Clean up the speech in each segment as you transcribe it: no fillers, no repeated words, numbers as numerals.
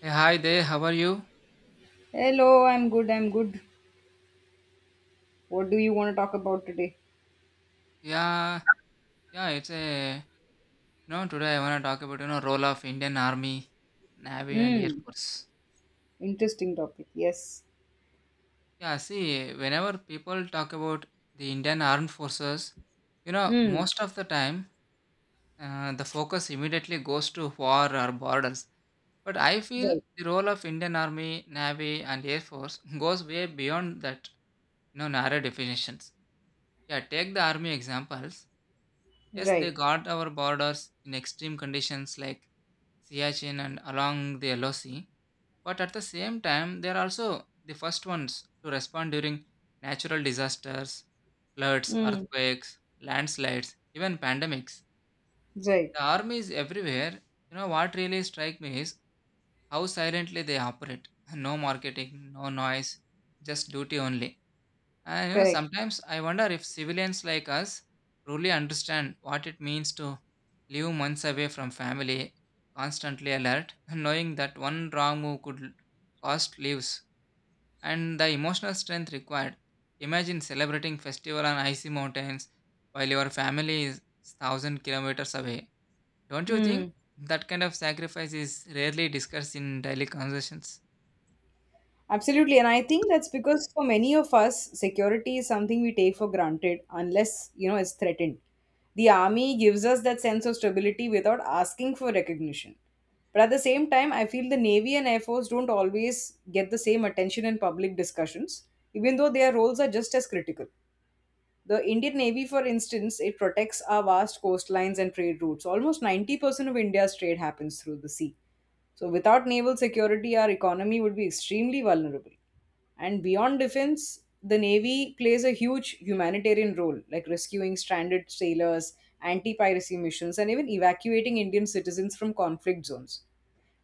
Hey, hi there. How are you? Hello, I'm good. I'm good. What do you want to talk about today? Yeah, yeah. It's a you know today I wanna talk about role of Indian Army, Navy, and Air Hmm. Force. Interesting topic. Yes. Yeah, see, whenever people talk about the Indian Armed Forces, Hmm. most of the time, the focus immediately goes to war or borders. But I feel Right. the role of Indian Army, Navy, and Air Force goes way beyond that narrow definitions. Yeah, take the army examples. Yes, they Right. guard our borders in extreme conditions like Siachen and along the Yellow Sea. But at the same time, they are also the first ones to respond during natural disasters, floods, Hmm. earthquakes, landslides, even pandemics. Right. The army is everywhere. You know what really strikes me is how silently they operate. No marketing, no noise, just duty only. And Correct. sometimes I wonder if civilians like us truly understand what it means to live months away from family, constantly alert, knowing that one wrong move could cost lives, and the emotional strength required. Imagine celebrating festival on icy mountains while your family is 1,000 kilometers away. Don't you think Hmm. that kind of sacrifice is rarely discussed in daily conversations? Absolutely. And I think that's because for many of us, security is something we take for granted unless, it's threatened. The army gives us that sense of stability without asking for recognition. But at the same time, I feel the Navy and Air Force don't always get the same attention in public discussions, even though their roles are just as critical. The Indian Navy, for instance, it protects our vast coastlines and trade routes. Almost 90% of India's trade happens through the sea. So, without naval security, our economy would be extremely vulnerable. And beyond defense, the Navy plays a huge humanitarian role, like rescuing stranded sailors, anti piracy missions, and even evacuating Indian citizens from conflict zones.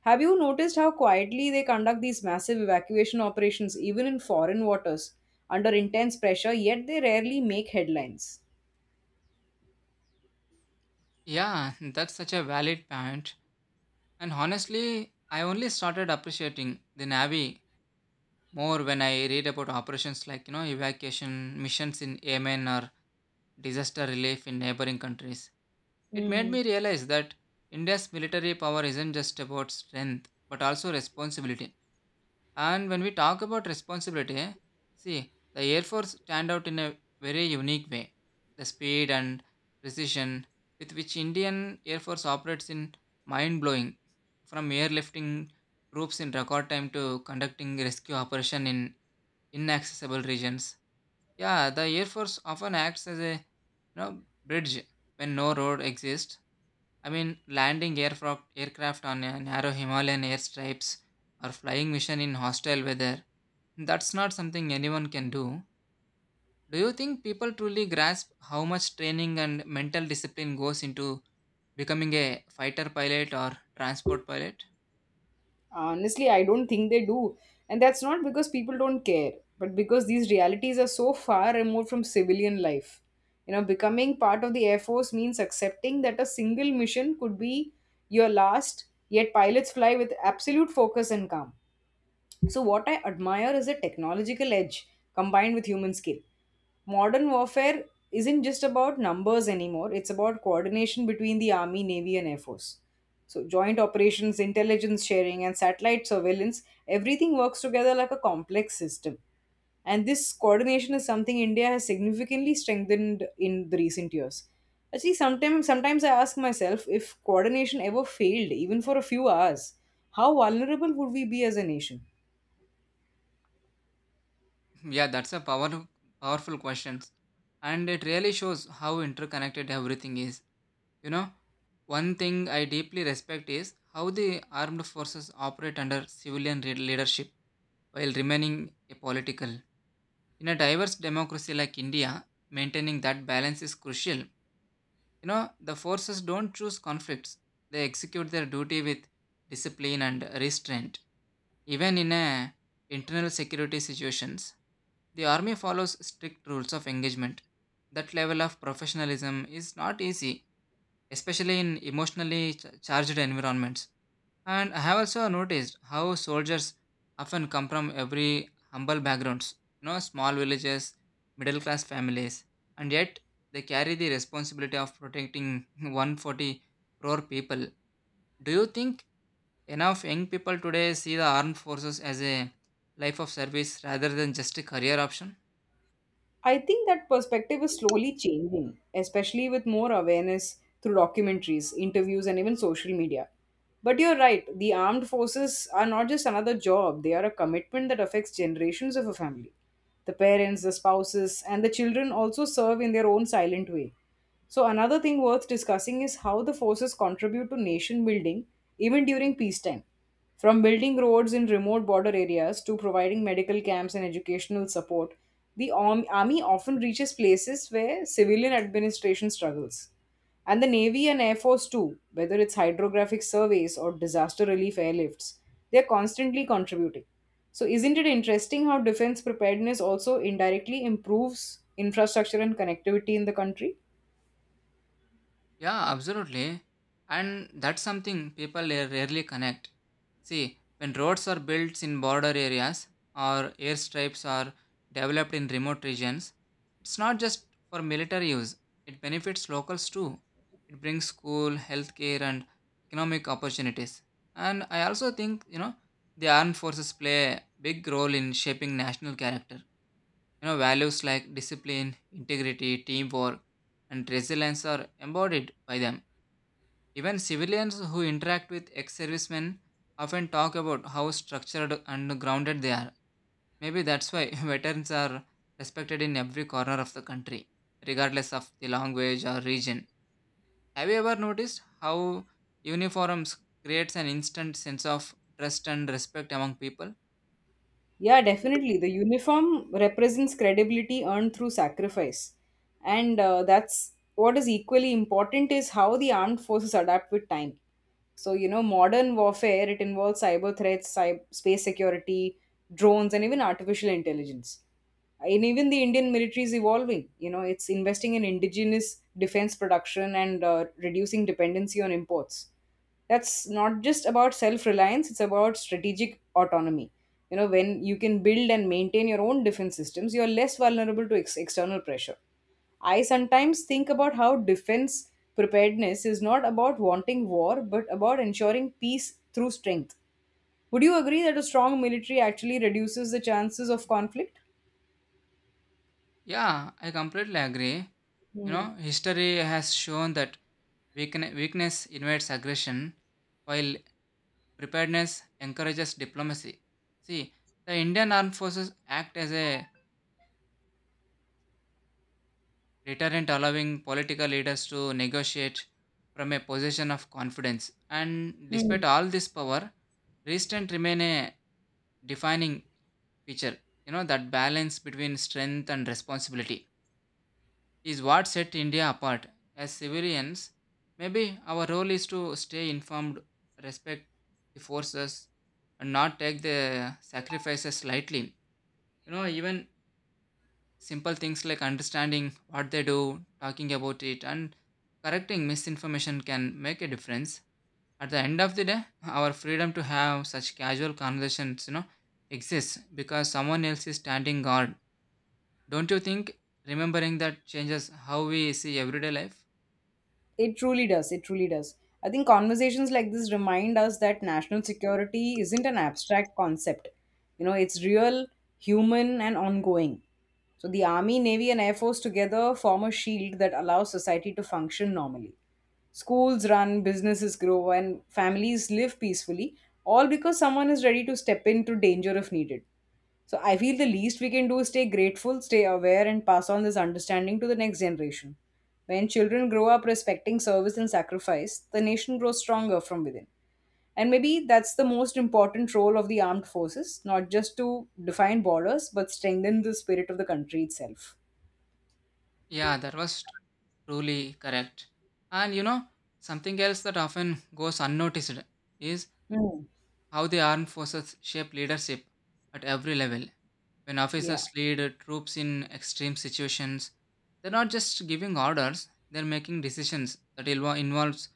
Have you noticed how quietly they conduct these massive evacuation operations, even in foreign waters, under intense pressure, yet they rarely make headlines? Yeah, that's such a valid point. And honestly, I only started appreciating the Navy more when I read about operations like, evacuation missions in Yemen or disaster relief in neighboring countries. It made Hmm. me realize that India's military power isn't just about strength, but also responsibility. And when we talk about responsibility, see, the Air Force stand out in a very unique way. The speed and precision with which Indian Air Force operates in mind blowing, from airlifting troops in record time to conducting rescue operation in inaccessible regions. Yeah, the Air Force often acts as a bridge when no road exists. I mean, landing aircraft on a narrow Himalayan airstrips or flying mission in hostile weather, that's not something anyone can do. Do you think people truly grasp how much training and mental discipline goes into becoming a fighter pilot or transport pilot? Honestly, I don't think they do. And that's not because people don't care, but because these realities are so far removed from civilian life. You know, becoming part of the Air Force means accepting that a single mission could be your last, yet pilots fly with absolute focus and calm. So, what I admire is a technological edge combined with human skill. Modern warfare isn't just about numbers anymore, it's about coordination between the Army, Navy, and Air Force. So, joint operations, intelligence sharing, and satellite surveillance, everything works together like a complex system. And this coordination is something India has significantly strengthened in the recent years. Actually, sometimes I ask myself if coordination ever failed, even for a few hours, how vulnerable would we be as a nation? Yeah, that's a powerful question. And it really shows how interconnected everything is. You know, one thing I deeply respect is how the armed forces operate under civilian leadership while remaining apolitical. In a diverse democracy like India, maintaining that balance is crucial. The forces don't choose conflicts, they execute their duty with discipline and restraint. Even in a internal security situations, the army follows strict rules of engagement. That level of professionalism is not easy, especially in emotionally charged environments, and I have also noticed how soldiers often come from every humble backgrounds, small villages, middle class families, and yet they carry the responsibility of protecting 140 crore people. Do you think enough young people today see the armed forces as a life of service rather than just a career option? I think that perspective is slowly changing, especially with more awareness through documentaries, interviews, and even social media. But you're right, the armed forces are not just another job, they are a commitment that affects generations of a family. The parents, the spouses, and the children also serve in their own silent way. So, another thing worth discussing is how the forces contribute to nation building even during peacetime. From building roads in remote border areas to providing medical camps and educational support, army often reaches places where civilian administration struggles. And the Navy and Air Force, too, whether it's hydrographic surveys or disaster relief airlifts, they're constantly contributing. So, isn't it interesting how defense preparedness also indirectly improves infrastructure and connectivity in the country? Yeah, absolutely. And that's something people rarely connect. See, when roads are built in border areas or airstrips are developed in remote regions, it's not just for military use, it benefits locals too. It brings school, healthcare, and economic opportunities. And I also think, the armed forces play a big role in shaping national character. Values like discipline, integrity, teamwork, and resilience are embodied by them. Even civilians who interact with ex servicemen often talk about how structured and grounded they are. Maybe that's why veterans are respected in every corner of the country, regardless of the language or region. Have you ever noticed how uniforms creates an instant sense of trust and respect among people? Yeah, definitely. The uniform represents credibility earned through sacrifice. And that's what is equally important is how the armed forces adapt with time. So, modern warfare, it involves cyber threats, cyber, space security, drones, and even artificial intelligence. And even the Indian military is evolving. You know, it's investing in indigenous defense production and reducing dependency on imports. That's not just about self reliance, it's about strategic autonomy. You know, when you can build and maintain your own defense systems, you're less vulnerable to external pressure. I sometimes think about how defense preparedness is not about wanting war but about ensuring peace through strength. Would you agree that a strong military actually reduces the chances of conflict? Yeah, I completely agree. You Hmm. know, history has shown that weakness invites aggression, while preparedness encourages diplomacy. See, the Indian Armed Forces act as a deterrent, allowing political leaders to negotiate from a position of confidence. And despite Hmm. all this power, restraint remain a defining feature. That balance between strength and responsibility is what set India apart. As civilians, maybe our role is to stay informed, respect the forces, and not take the sacrifices lightly. Even simple things like understanding what they do, talking about it, and correcting misinformation can make a difference. At the end of the day, our freedom to have such casual conversations exists because someone else is standing guard. Don't you think remembering that changes how we see everyday life? It truly does. It truly does. I think conversations like this remind us that national security isn't an abstract concept. You know, it's real, human, and ongoing. So the Army, Navy, and Air Force together form a shield that allows society to function normally. Schools run, businesses grow, and families live peacefully, all because someone is ready to step into danger if needed. So I feel the least we can do is stay grateful, stay aware, and pass on this understanding to the next generation. When children grow up respecting service and sacrifice, the nation grows stronger from within. And maybe that's the most important role of the armed forces, not just to define borders, but strengthen the spirit of the country itself. Yeah, that was truly correct. And something else that often goes unnoticed is Hmm. how the armed forces shape leadership at every level. When Yeah. officers lead troops in extreme situations, they're not just giving orders, they're making decisions that involves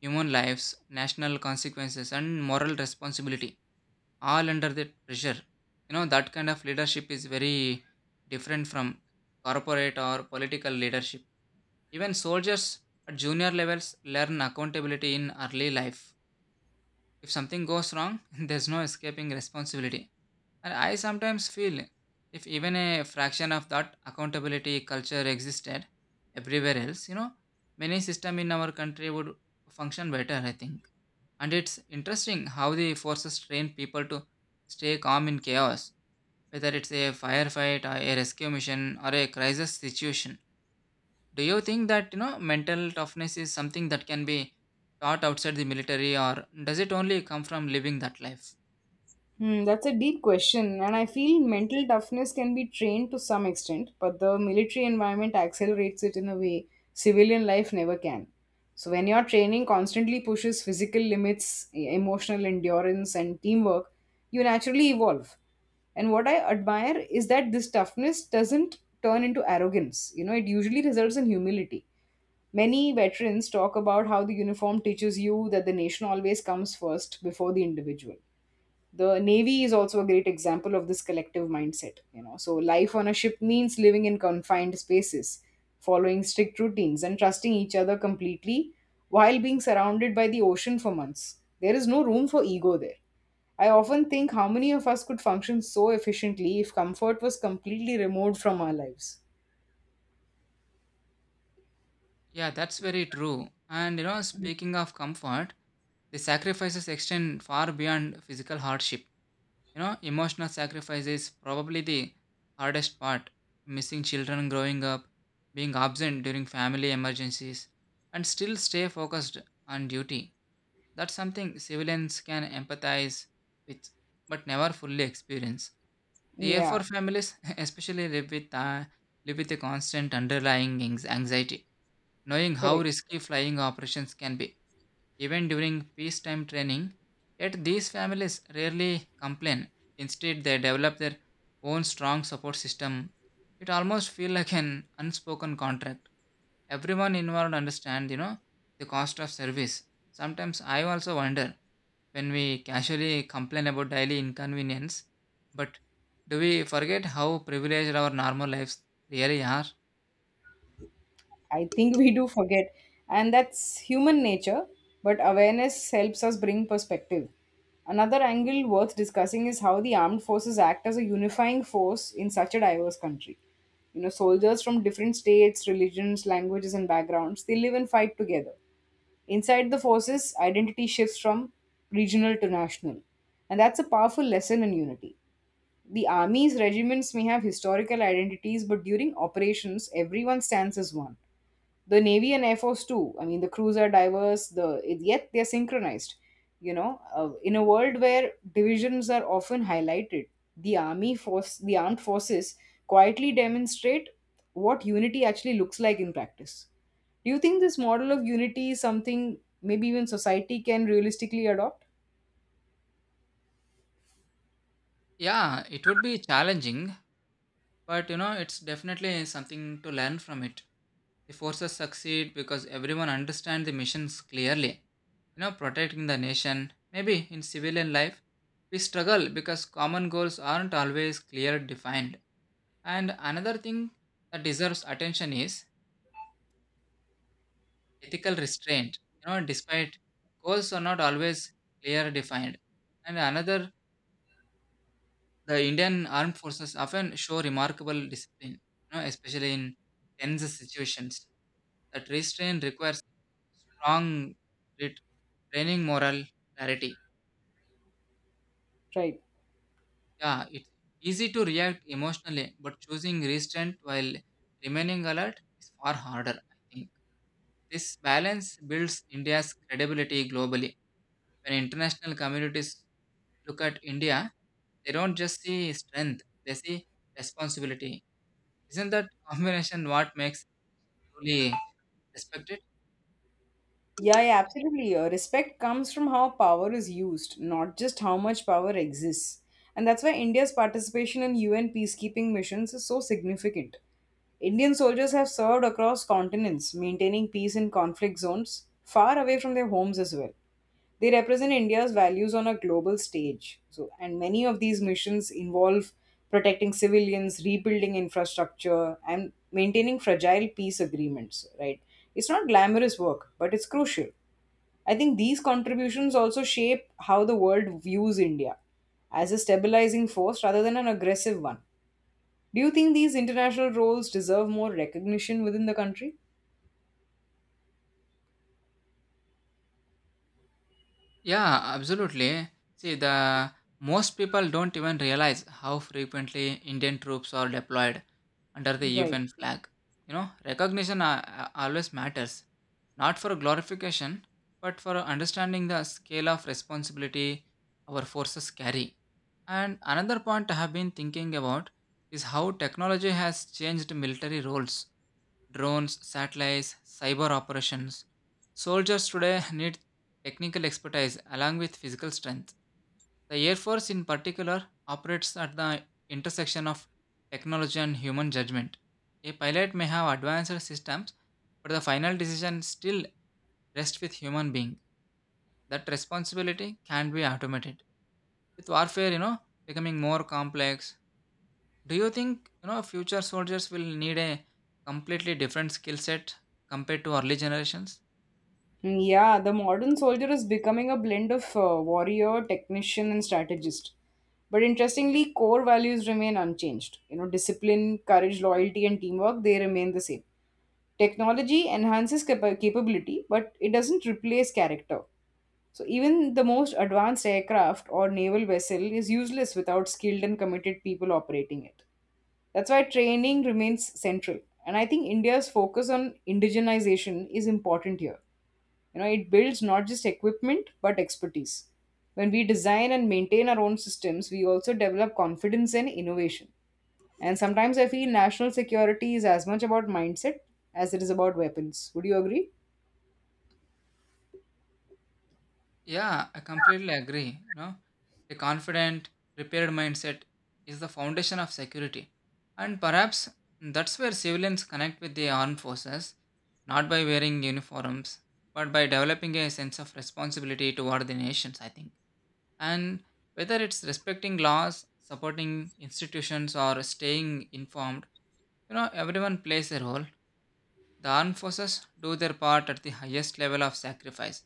human lives, national consequences, and moral responsibility, all under the pressure. That kind of leadership is very different from corporate or political leadership. Even soldiers at junior levels learn accountability in early life. If something goes wrong, there's no escaping responsibility. And I sometimes feel if even a fraction of that accountability culture existed everywhere else, many system in our country would function better, I think. And it's interesting how the forces train people to stay calm in chaos, whether it's a firefight or a rescue mission or a crisis situation. Do you think that, mental toughness is something that can be taught outside the military or does it only come from living that life? Hmm, that's a deep question, and I feel mental toughness can be trained to some extent, but the military environment accelerates it in a way civilian life never can. So, when your training constantly pushes physical limits, emotional endurance, and teamwork, you naturally evolve. And what I admire is that this toughness doesn't turn into arrogance. You know, it usually results in humility. Many veterans talk about how the uniform teaches you that the nation always comes first before the individual. The Navy is also a great example of this collective mindset. So, life on a ship means living in confined spaces, following strict routines, and trusting each other completely while being surrounded by the ocean for months. There is no room for ego there. I often think how many of us could function so efficiently if comfort was completely removed from our lives. Yeah, that's very true. And speaking of comfort, the sacrifices extend far beyond physical hardship. Emotional sacrifice is probably the hardest part. Missing children growing up, being absent during family emergencies, and still stay focused on duty. That's something civilians can empathize with, but never fully experience. The Air Yeah, Force families, especially, live with a constant underlying anxiety, knowing how correct. risky flying operations can be, even during peacetime training. Yet these families rarely complain. Instead, they develop their own strong support system. It almost feels like an unspoken contract. Everyone involved understands, the cost of service. Sometimes I also wonder when we casually complain about daily inconvenience, but do we forget how privileged our normal lives really are? I think we do forget, and that's human nature, but awareness helps us bring perspective. Another angle worth discussing is how the armed forces act as a unifying force in such a diverse country. You know, soldiers from different states, religions, languages, and backgrounds, they live and fight together. Inside the forces, identity shifts from regional to national. And that's a powerful lesson in unity. The army's regiments may have historical identities, but during operations, everyone stands as one. The Navy and Air Force too, I mean, the crews are diverse, the yet they're synchronized. In a world where divisions are often highlighted, the armed forces quietly demonstrate what unity actually looks like in practice. Do you think this model of unity is something maybe even society can realistically adopt? Yeah, it would be challenging. But it's definitely something to learn from it. The forces succeed because everyone understands the missions clearly. Protecting the nation. Maybe in civilian life, we struggle because common goals aren't always clear defined. And another thing that deserves attention is ethical restraint. Despite goals are not always clear defined. And another The Indian armed forces often show remarkable discipline, especially in tense situations. That restraint requires strong grit, training moral clarity. Right. Yeah, it's easy to react emotionally, but choosing restraint while remaining alert is far harder, I think. This balance builds India's credibility globally. When international communities look at India, they don't just see strength, they see responsibility. Isn't that combination what makes it truly respected? Yeah, yeah, absolutely. Respect comes from how power is used, not just how much power exists. And that's why India's participation in UN peacekeeping missions is so significant. Indian soldiers have served across continents, maintaining peace in conflict zones, far away from their homes as well. They represent India's values on a global stage. So, and many of these missions involve protecting civilians, rebuilding infrastructure, and maintaining fragile peace agreements, right? It's not glamorous work, but it's crucial. I think these contributions also shape how the world views India as a stabilizing force rather than an aggressive one. Do you think these international roles deserve more recognition within the country? Yeah, absolutely. See, the most people don't even realize how frequently Indian troops are deployed under the Right. UN flag. Recognition always matters, not for glorification, but for understanding the scale of responsibility our forces carry. And another point I have been thinking about is how technology has changed military roles. Drones, satellites, cyber operations. Soldiers today need technical expertise along with physical strength. The Air Force, in particular, operates at the intersection of technology and human judgment. A pilot may have advanced systems, but the final decision still rests with human being. That responsibility can be automated. With warfare, becoming more complex, do you think future soldiers will need a completely different skill set compared to early generations? Mm, yeah, the modern soldier is becoming a blend of warrior, technician, and strategist. But interestingly, core values remain unchanged. You know, discipline, courage, loyalty, and teamwork, they remain the same. Technology enhances capability, but it doesn't replace character. So even the most advanced aircraft or naval vessel is useless without skilled and committed people operating it. That's why training remains central. And I think India's focus on indigenization is important here. You know, it builds not just equipment but expertise. When we design and maintain our own systems, we also develop confidence and innovation. And sometimes I feel national security is as much about mindset as it is about weapons. Would you agree? Yeah, I completely agree. A confident, prepared mindset is the foundation of security, and perhaps that's where civilians connect with the armed forces, not by wearing uniforms, but by developing a sense of responsibility toward the nations, I think. And whether it's respecting laws, supporting institutions, or staying informed. Everyone plays a role. The armed forces do their part at the highest level of sacrifice.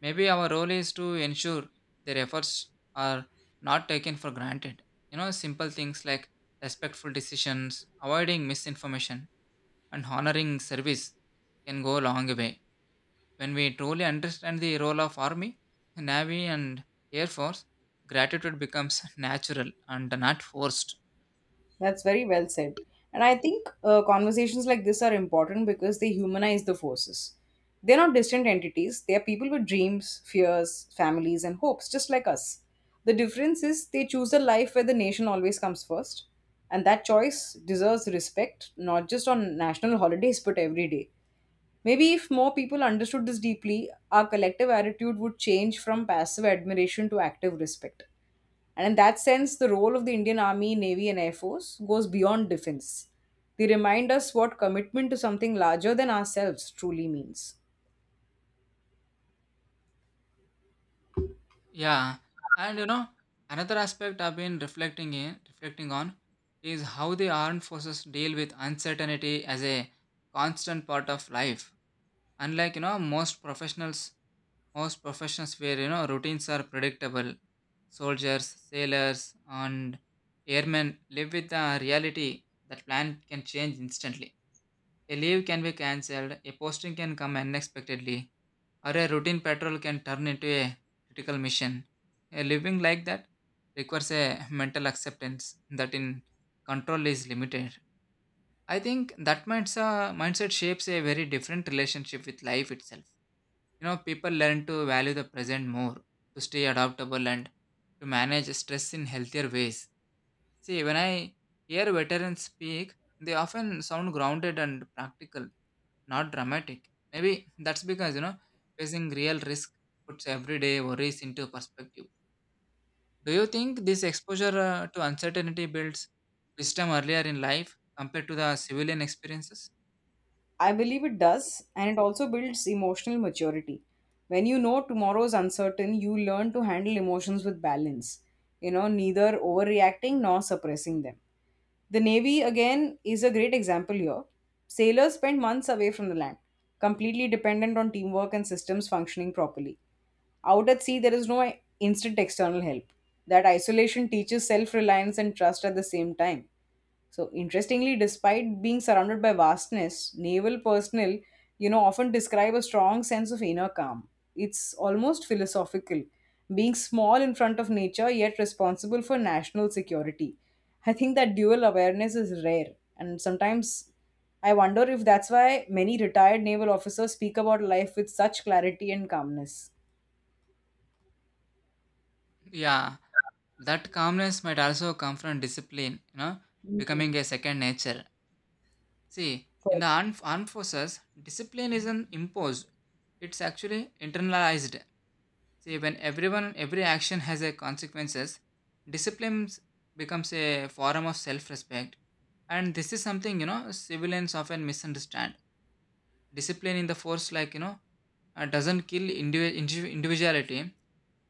Maybe our role is to ensure their efforts are not taken for granted. Simple things like respectful decisions, avoiding misinformation, and honoring service can go a long way. When we truly understand the role of army, navy, and air force, gratitude becomes natural and not forced. That's very well said. And I think conversations like this are important because they humanize the forces. They're not distant entities, they are people with dreams, fears, families, and hopes, just like us. The difference is they choose a life where the nation always comes first. And that choice deserves respect, not just on national holidays, but every day. Maybe if more people understood this deeply, our collective attitude would change from passive admiration to active respect. And in that sense, the role of the Indian Army, Navy, and Air Force goes beyond defense. They remind us what commitment to something larger than ourselves truly means. Yeah, and another aspect I've been reflecting on is how the armed forces deal with uncertainty as a constant part of life. Unlike most professions where routines are predictable, soldiers, sailors, and airmen live with the reality that plan can change instantly. A leave can be cancelled, a posting can come unexpectedly, or a routine patrol can turn into a critical mission. A living like that requires a mental acceptance that in control is limited. I think that mindset shapes a very different relationship with life itself. You know, people learn to value the present more, to stay adaptable and to manage stress in healthier ways. See, when I hear veterans speak, they often sound grounded and practical, not dramatic. Maybe that's because, you know, facing real risk puts everyday worries into perspective. Do you think this exposure to uncertainty builds wisdom earlier in life compared to the civilian experiences? I believe it does, and it also builds emotional maturity. When you know tomorrow is uncertain, you learn to handle emotions with balance, you know, neither overreacting nor suppressing them. The Navy, again, is a great example here. Sailors spend months away from the land, completely dependent on teamwork and systems functioning properly. Out at sea, there is no instant external help. That isolation teaches self reliance and trust at the same time. So interestingly, despite being surrounded by vastness, naval personnel, often describe a strong sense of inner calm. It's almost philosophical, being small in front of nature yet responsible for national security. I think that dual awareness is rare, and sometimes I wonder if that's why many retired naval officers speak about life with such clarity and calmness. Yeah, that calmness might also come from discipline, you know, Hmm. becoming a second nature. See, in the armed forces, discipline isn't imposed, it's actually internalized. See, when everyone, every action has a consequences, discipline becomes a form of self-respect. And this is something, you know, civilians often misunderstand. Discipline in the force, like, you know, doesn't kill individuality.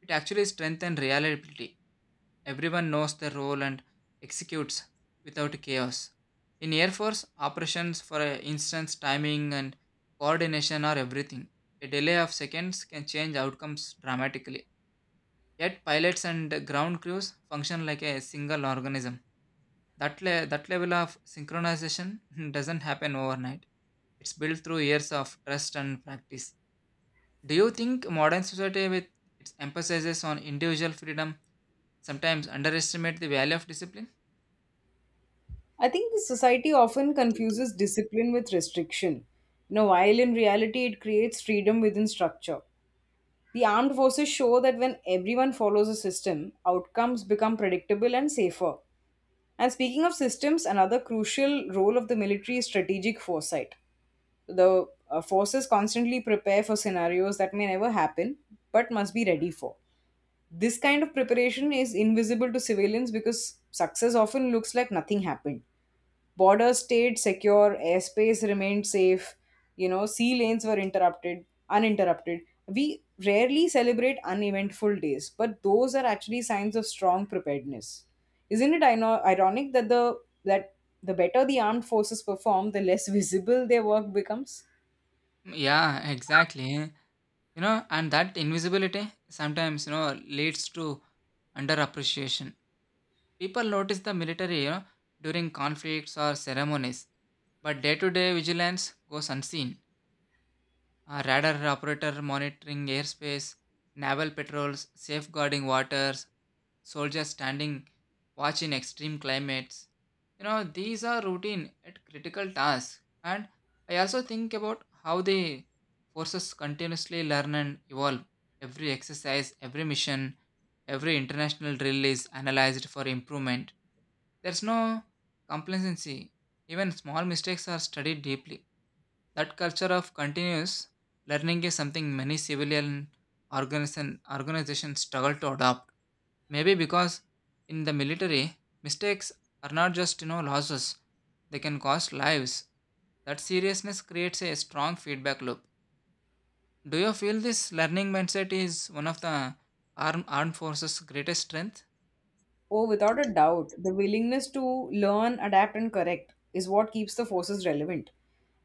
It actually strengthens reliability. Everyone knows their role and executes without chaos. In Air Force operations, for instance, timing and coordination are everything. A delay of seconds can change outcomes dramatically. Yet pilots and ground crews function like a single organism. That level of synchronization doesn't happen overnight. It's built through years of trust and practice. Do you think modern society with its emphasis on individual freedom sometimes underestimate the value of discipline? I think the society often confuses discipline with restriction. You know, while in reality it creates freedom within structure. The armed forces show that when everyone follows a system, outcomes become predictable and safer. And speaking of systems, another crucial role of the military is strategic foresight. The forces constantly prepare for scenarios that may never happen but must be ready for. This kind of preparation is invisible to civilians because success often looks like nothing happened. Borders stayed secure, airspace remained safe, you know, sea lanes were uninterrupted. We rarely celebrate uneventful days, but those are actually signs of strong preparedness. Isn't it ironic that that the better the armed forces perform, the less visible their work becomes? Yeah, exactly. You know, and that invisibility sometimes, you know, leads to underappreciation. People notice the military, you know, during conflicts or ceremonies, but day-to-day vigilance goes unseen. A radar operator monitoring airspace, naval patrols safeguarding waters, soldiers standing watch in extreme climates. You know, these are routine at critical tasks. And I also think about how the forces continuously learn and evolve. Every exercise, every mission, every international drill is analyzed for improvement. There's no complacency. Even small mistakes are studied deeply. That culture of continuous learning is something many civilian organizations struggle to adopt. Maybe because in the military, mistakes are not just, you know, losses; they can cost lives. That seriousness creates a strong feedback loop. Do you feel this learning mindset is one of the armed forces' greatest strength? Oh, without a doubt, the willingness to learn, adapt, and correct is what keeps the forces relevant.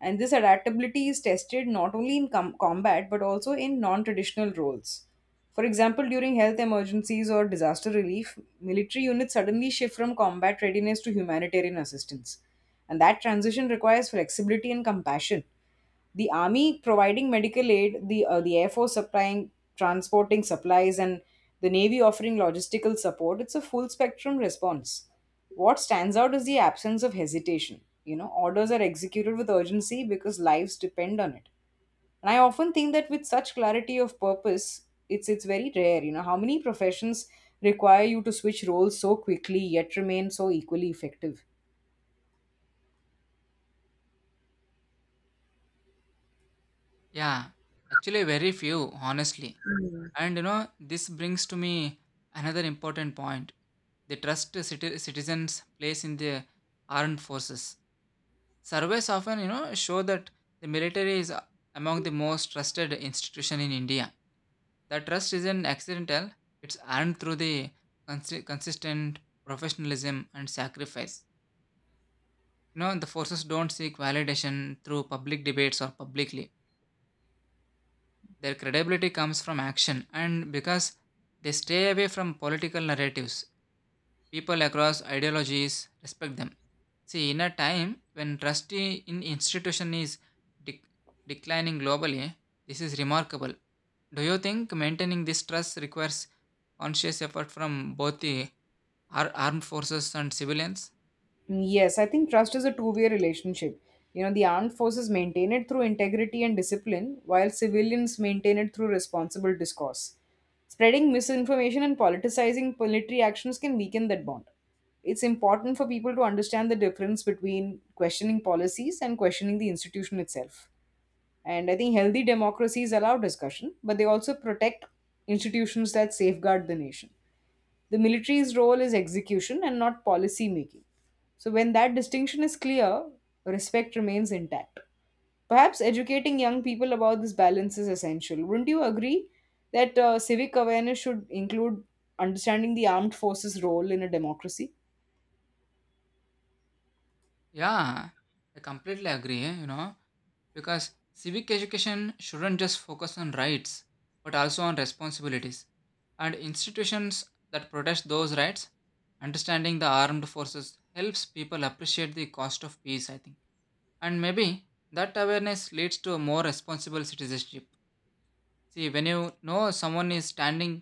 And this adaptability is tested not only in combat but also in non traditional roles. For example, during health emergencies or disaster relief, military units suddenly shift from combat readiness to humanitarian assistance. And that transition requires flexibility and compassion, the army providing medical aid, the air force supplying transporting supplies, and the navy offering logistical support. It's a full spectrum response. What stands out is the absence of hesitation. You know, orders are executed with urgency because lives depend on it. And I often think that with such clarity of purpose, it's very rare. You know, how many professions require you to switch roles so quickly yet remain so equally effective? Yeah, actually, very few, honestly. And you know, this brings to me another important point, the trust citizens place in the armed forces. Surveys often, you know, show that the military is among the most trusted institution in India. That trust isn't accidental; it's earned through the consistent professionalism and sacrifice. You know, the forces don't seek validation through public debates or publicly. Their credibility comes from action, and because they stay away from political narratives, people across ideologies respect them. See, in a time when trust in institution is dec- declining globally, this is remarkable. Do you think maintaining this trust requires conscious effort from both the armed forces and civilians? Yes, I think trust is a two-way relationship. You know, the armed forces maintain it through integrity and discipline, while civilians maintain it through responsible discourse. Spreading misinformation and politicizing military actions can weaken that bond. It's important for people to understand the difference between questioning policies and questioning the institution itself. And I think healthy democracies allow discussion, but they also protect institutions that safeguard the nation. The military's role is execution and not policy making. So, when that distinction is clear, respect remains intact. Perhaps educating young people about this balance is essential. Wouldn't you agree that civic awareness should include understanding the armed forces' role in a democracy? Yeah, I completely agree. You know, because civic education shouldn't just focus on rights but also on responsibilities and institutions that protect those rights. Understanding the armed forces helps people appreciate the cost of peace, I think. And maybe that awareness leads to a more responsible citizenship. See, when you know someone is standing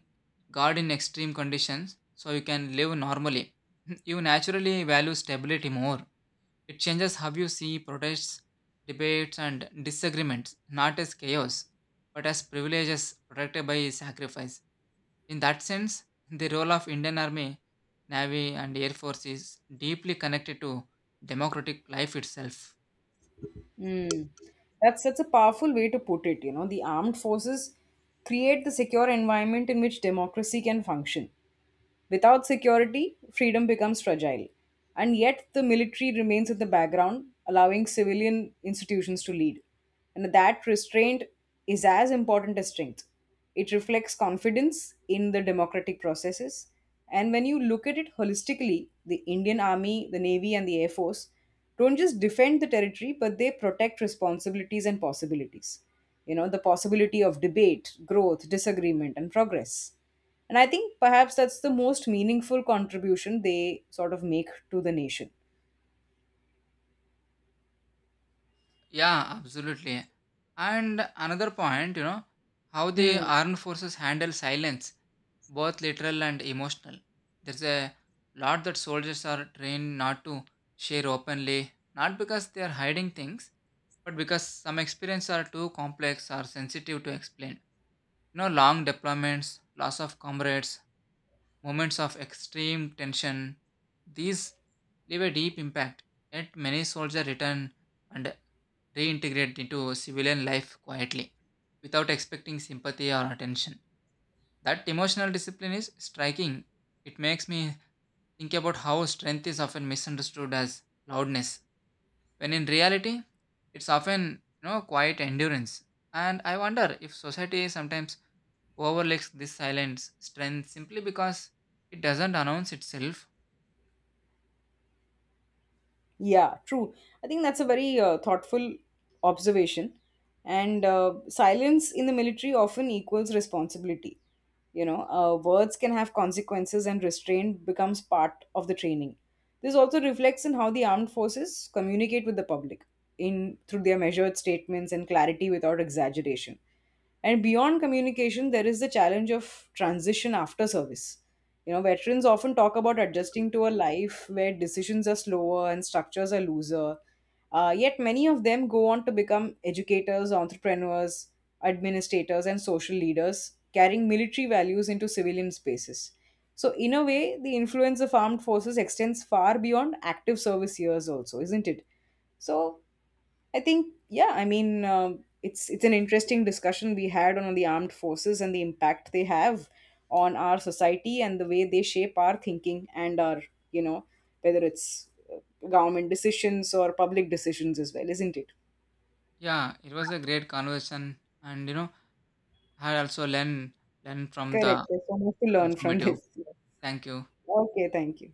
guard in extreme conditions so you can live normally, you naturally value stability more. It changes how you see protests, debates, and disagreements, not as chaos, but as privileges protected by sacrifice. In that sense, the role of Indian Army, Navy, and Air Force is deeply connected to democratic life itself. Mm. That's a powerful way to put it. You know, the armed forces create the secure environment in which democracy can function. Without security, freedom becomes fragile. And yet, the military remains in the background, allowing civilian institutions to lead. And that restraint is as important as strength. It reflects confidence in the democratic processes. And when you look at it holistically, the Indian Army, the Navy, and the Air Force don't just defend the territory, but they protect responsibilities and possibilities. You know, the possibility of debate, growth, disagreement, and progress. And I think perhaps that's the most meaningful contribution they sort of make to the nation. Yeah, absolutely. And another point, you know, how the Mm. armed forces handle silence, both literal and emotional. There's a lot that soldiers are trained not to share openly, not because they are hiding things, but because some experiences are too complex or sensitive to explain. You know, long deployments, loss of comrades, moments of extreme tension. These leave a deep impact, yet many soldiers return and reintegrate into civilian life quietly, without expecting sympathy or attention. That emotional discipline is striking. It makes me think about how strength is often misunderstood as loudness, when in reality, it's often, you know, quiet endurance. And I wonder if society sometimes overlooks this silence strength simply because it doesn't announce itself. Yeah, true. I think that's a very thoughtful observation. And silence in the military often equals responsibility. You know, words can have consequences, and restraint becomes part of the training. This also reflects in how the armed forces communicate with the public in through their measured statements and clarity without exaggeration. And beyond communication, there is the challenge of transition after service. You know, veterans often talk about adjusting to a life where decisions are slower and structures are looser. Yet, many of them go on to become educators, entrepreneurs, administrators, and social leaders, carrying military values into civilian spaces. So, in a way, the influence of armed forces extends far beyond active service years, also, isn't it? So, I think, yeah, I mean, it's an interesting discussion we had on the armed forces and the impact they have on our society and the way they shape our thinking and our, you know, whether it's government decisions or public decisions as well, isn't it? Yeah, it was a great conversation, and you know, I also learned learn learn from Correct. the There's so much to learn from informative. this. Thank you. Okay, thank you.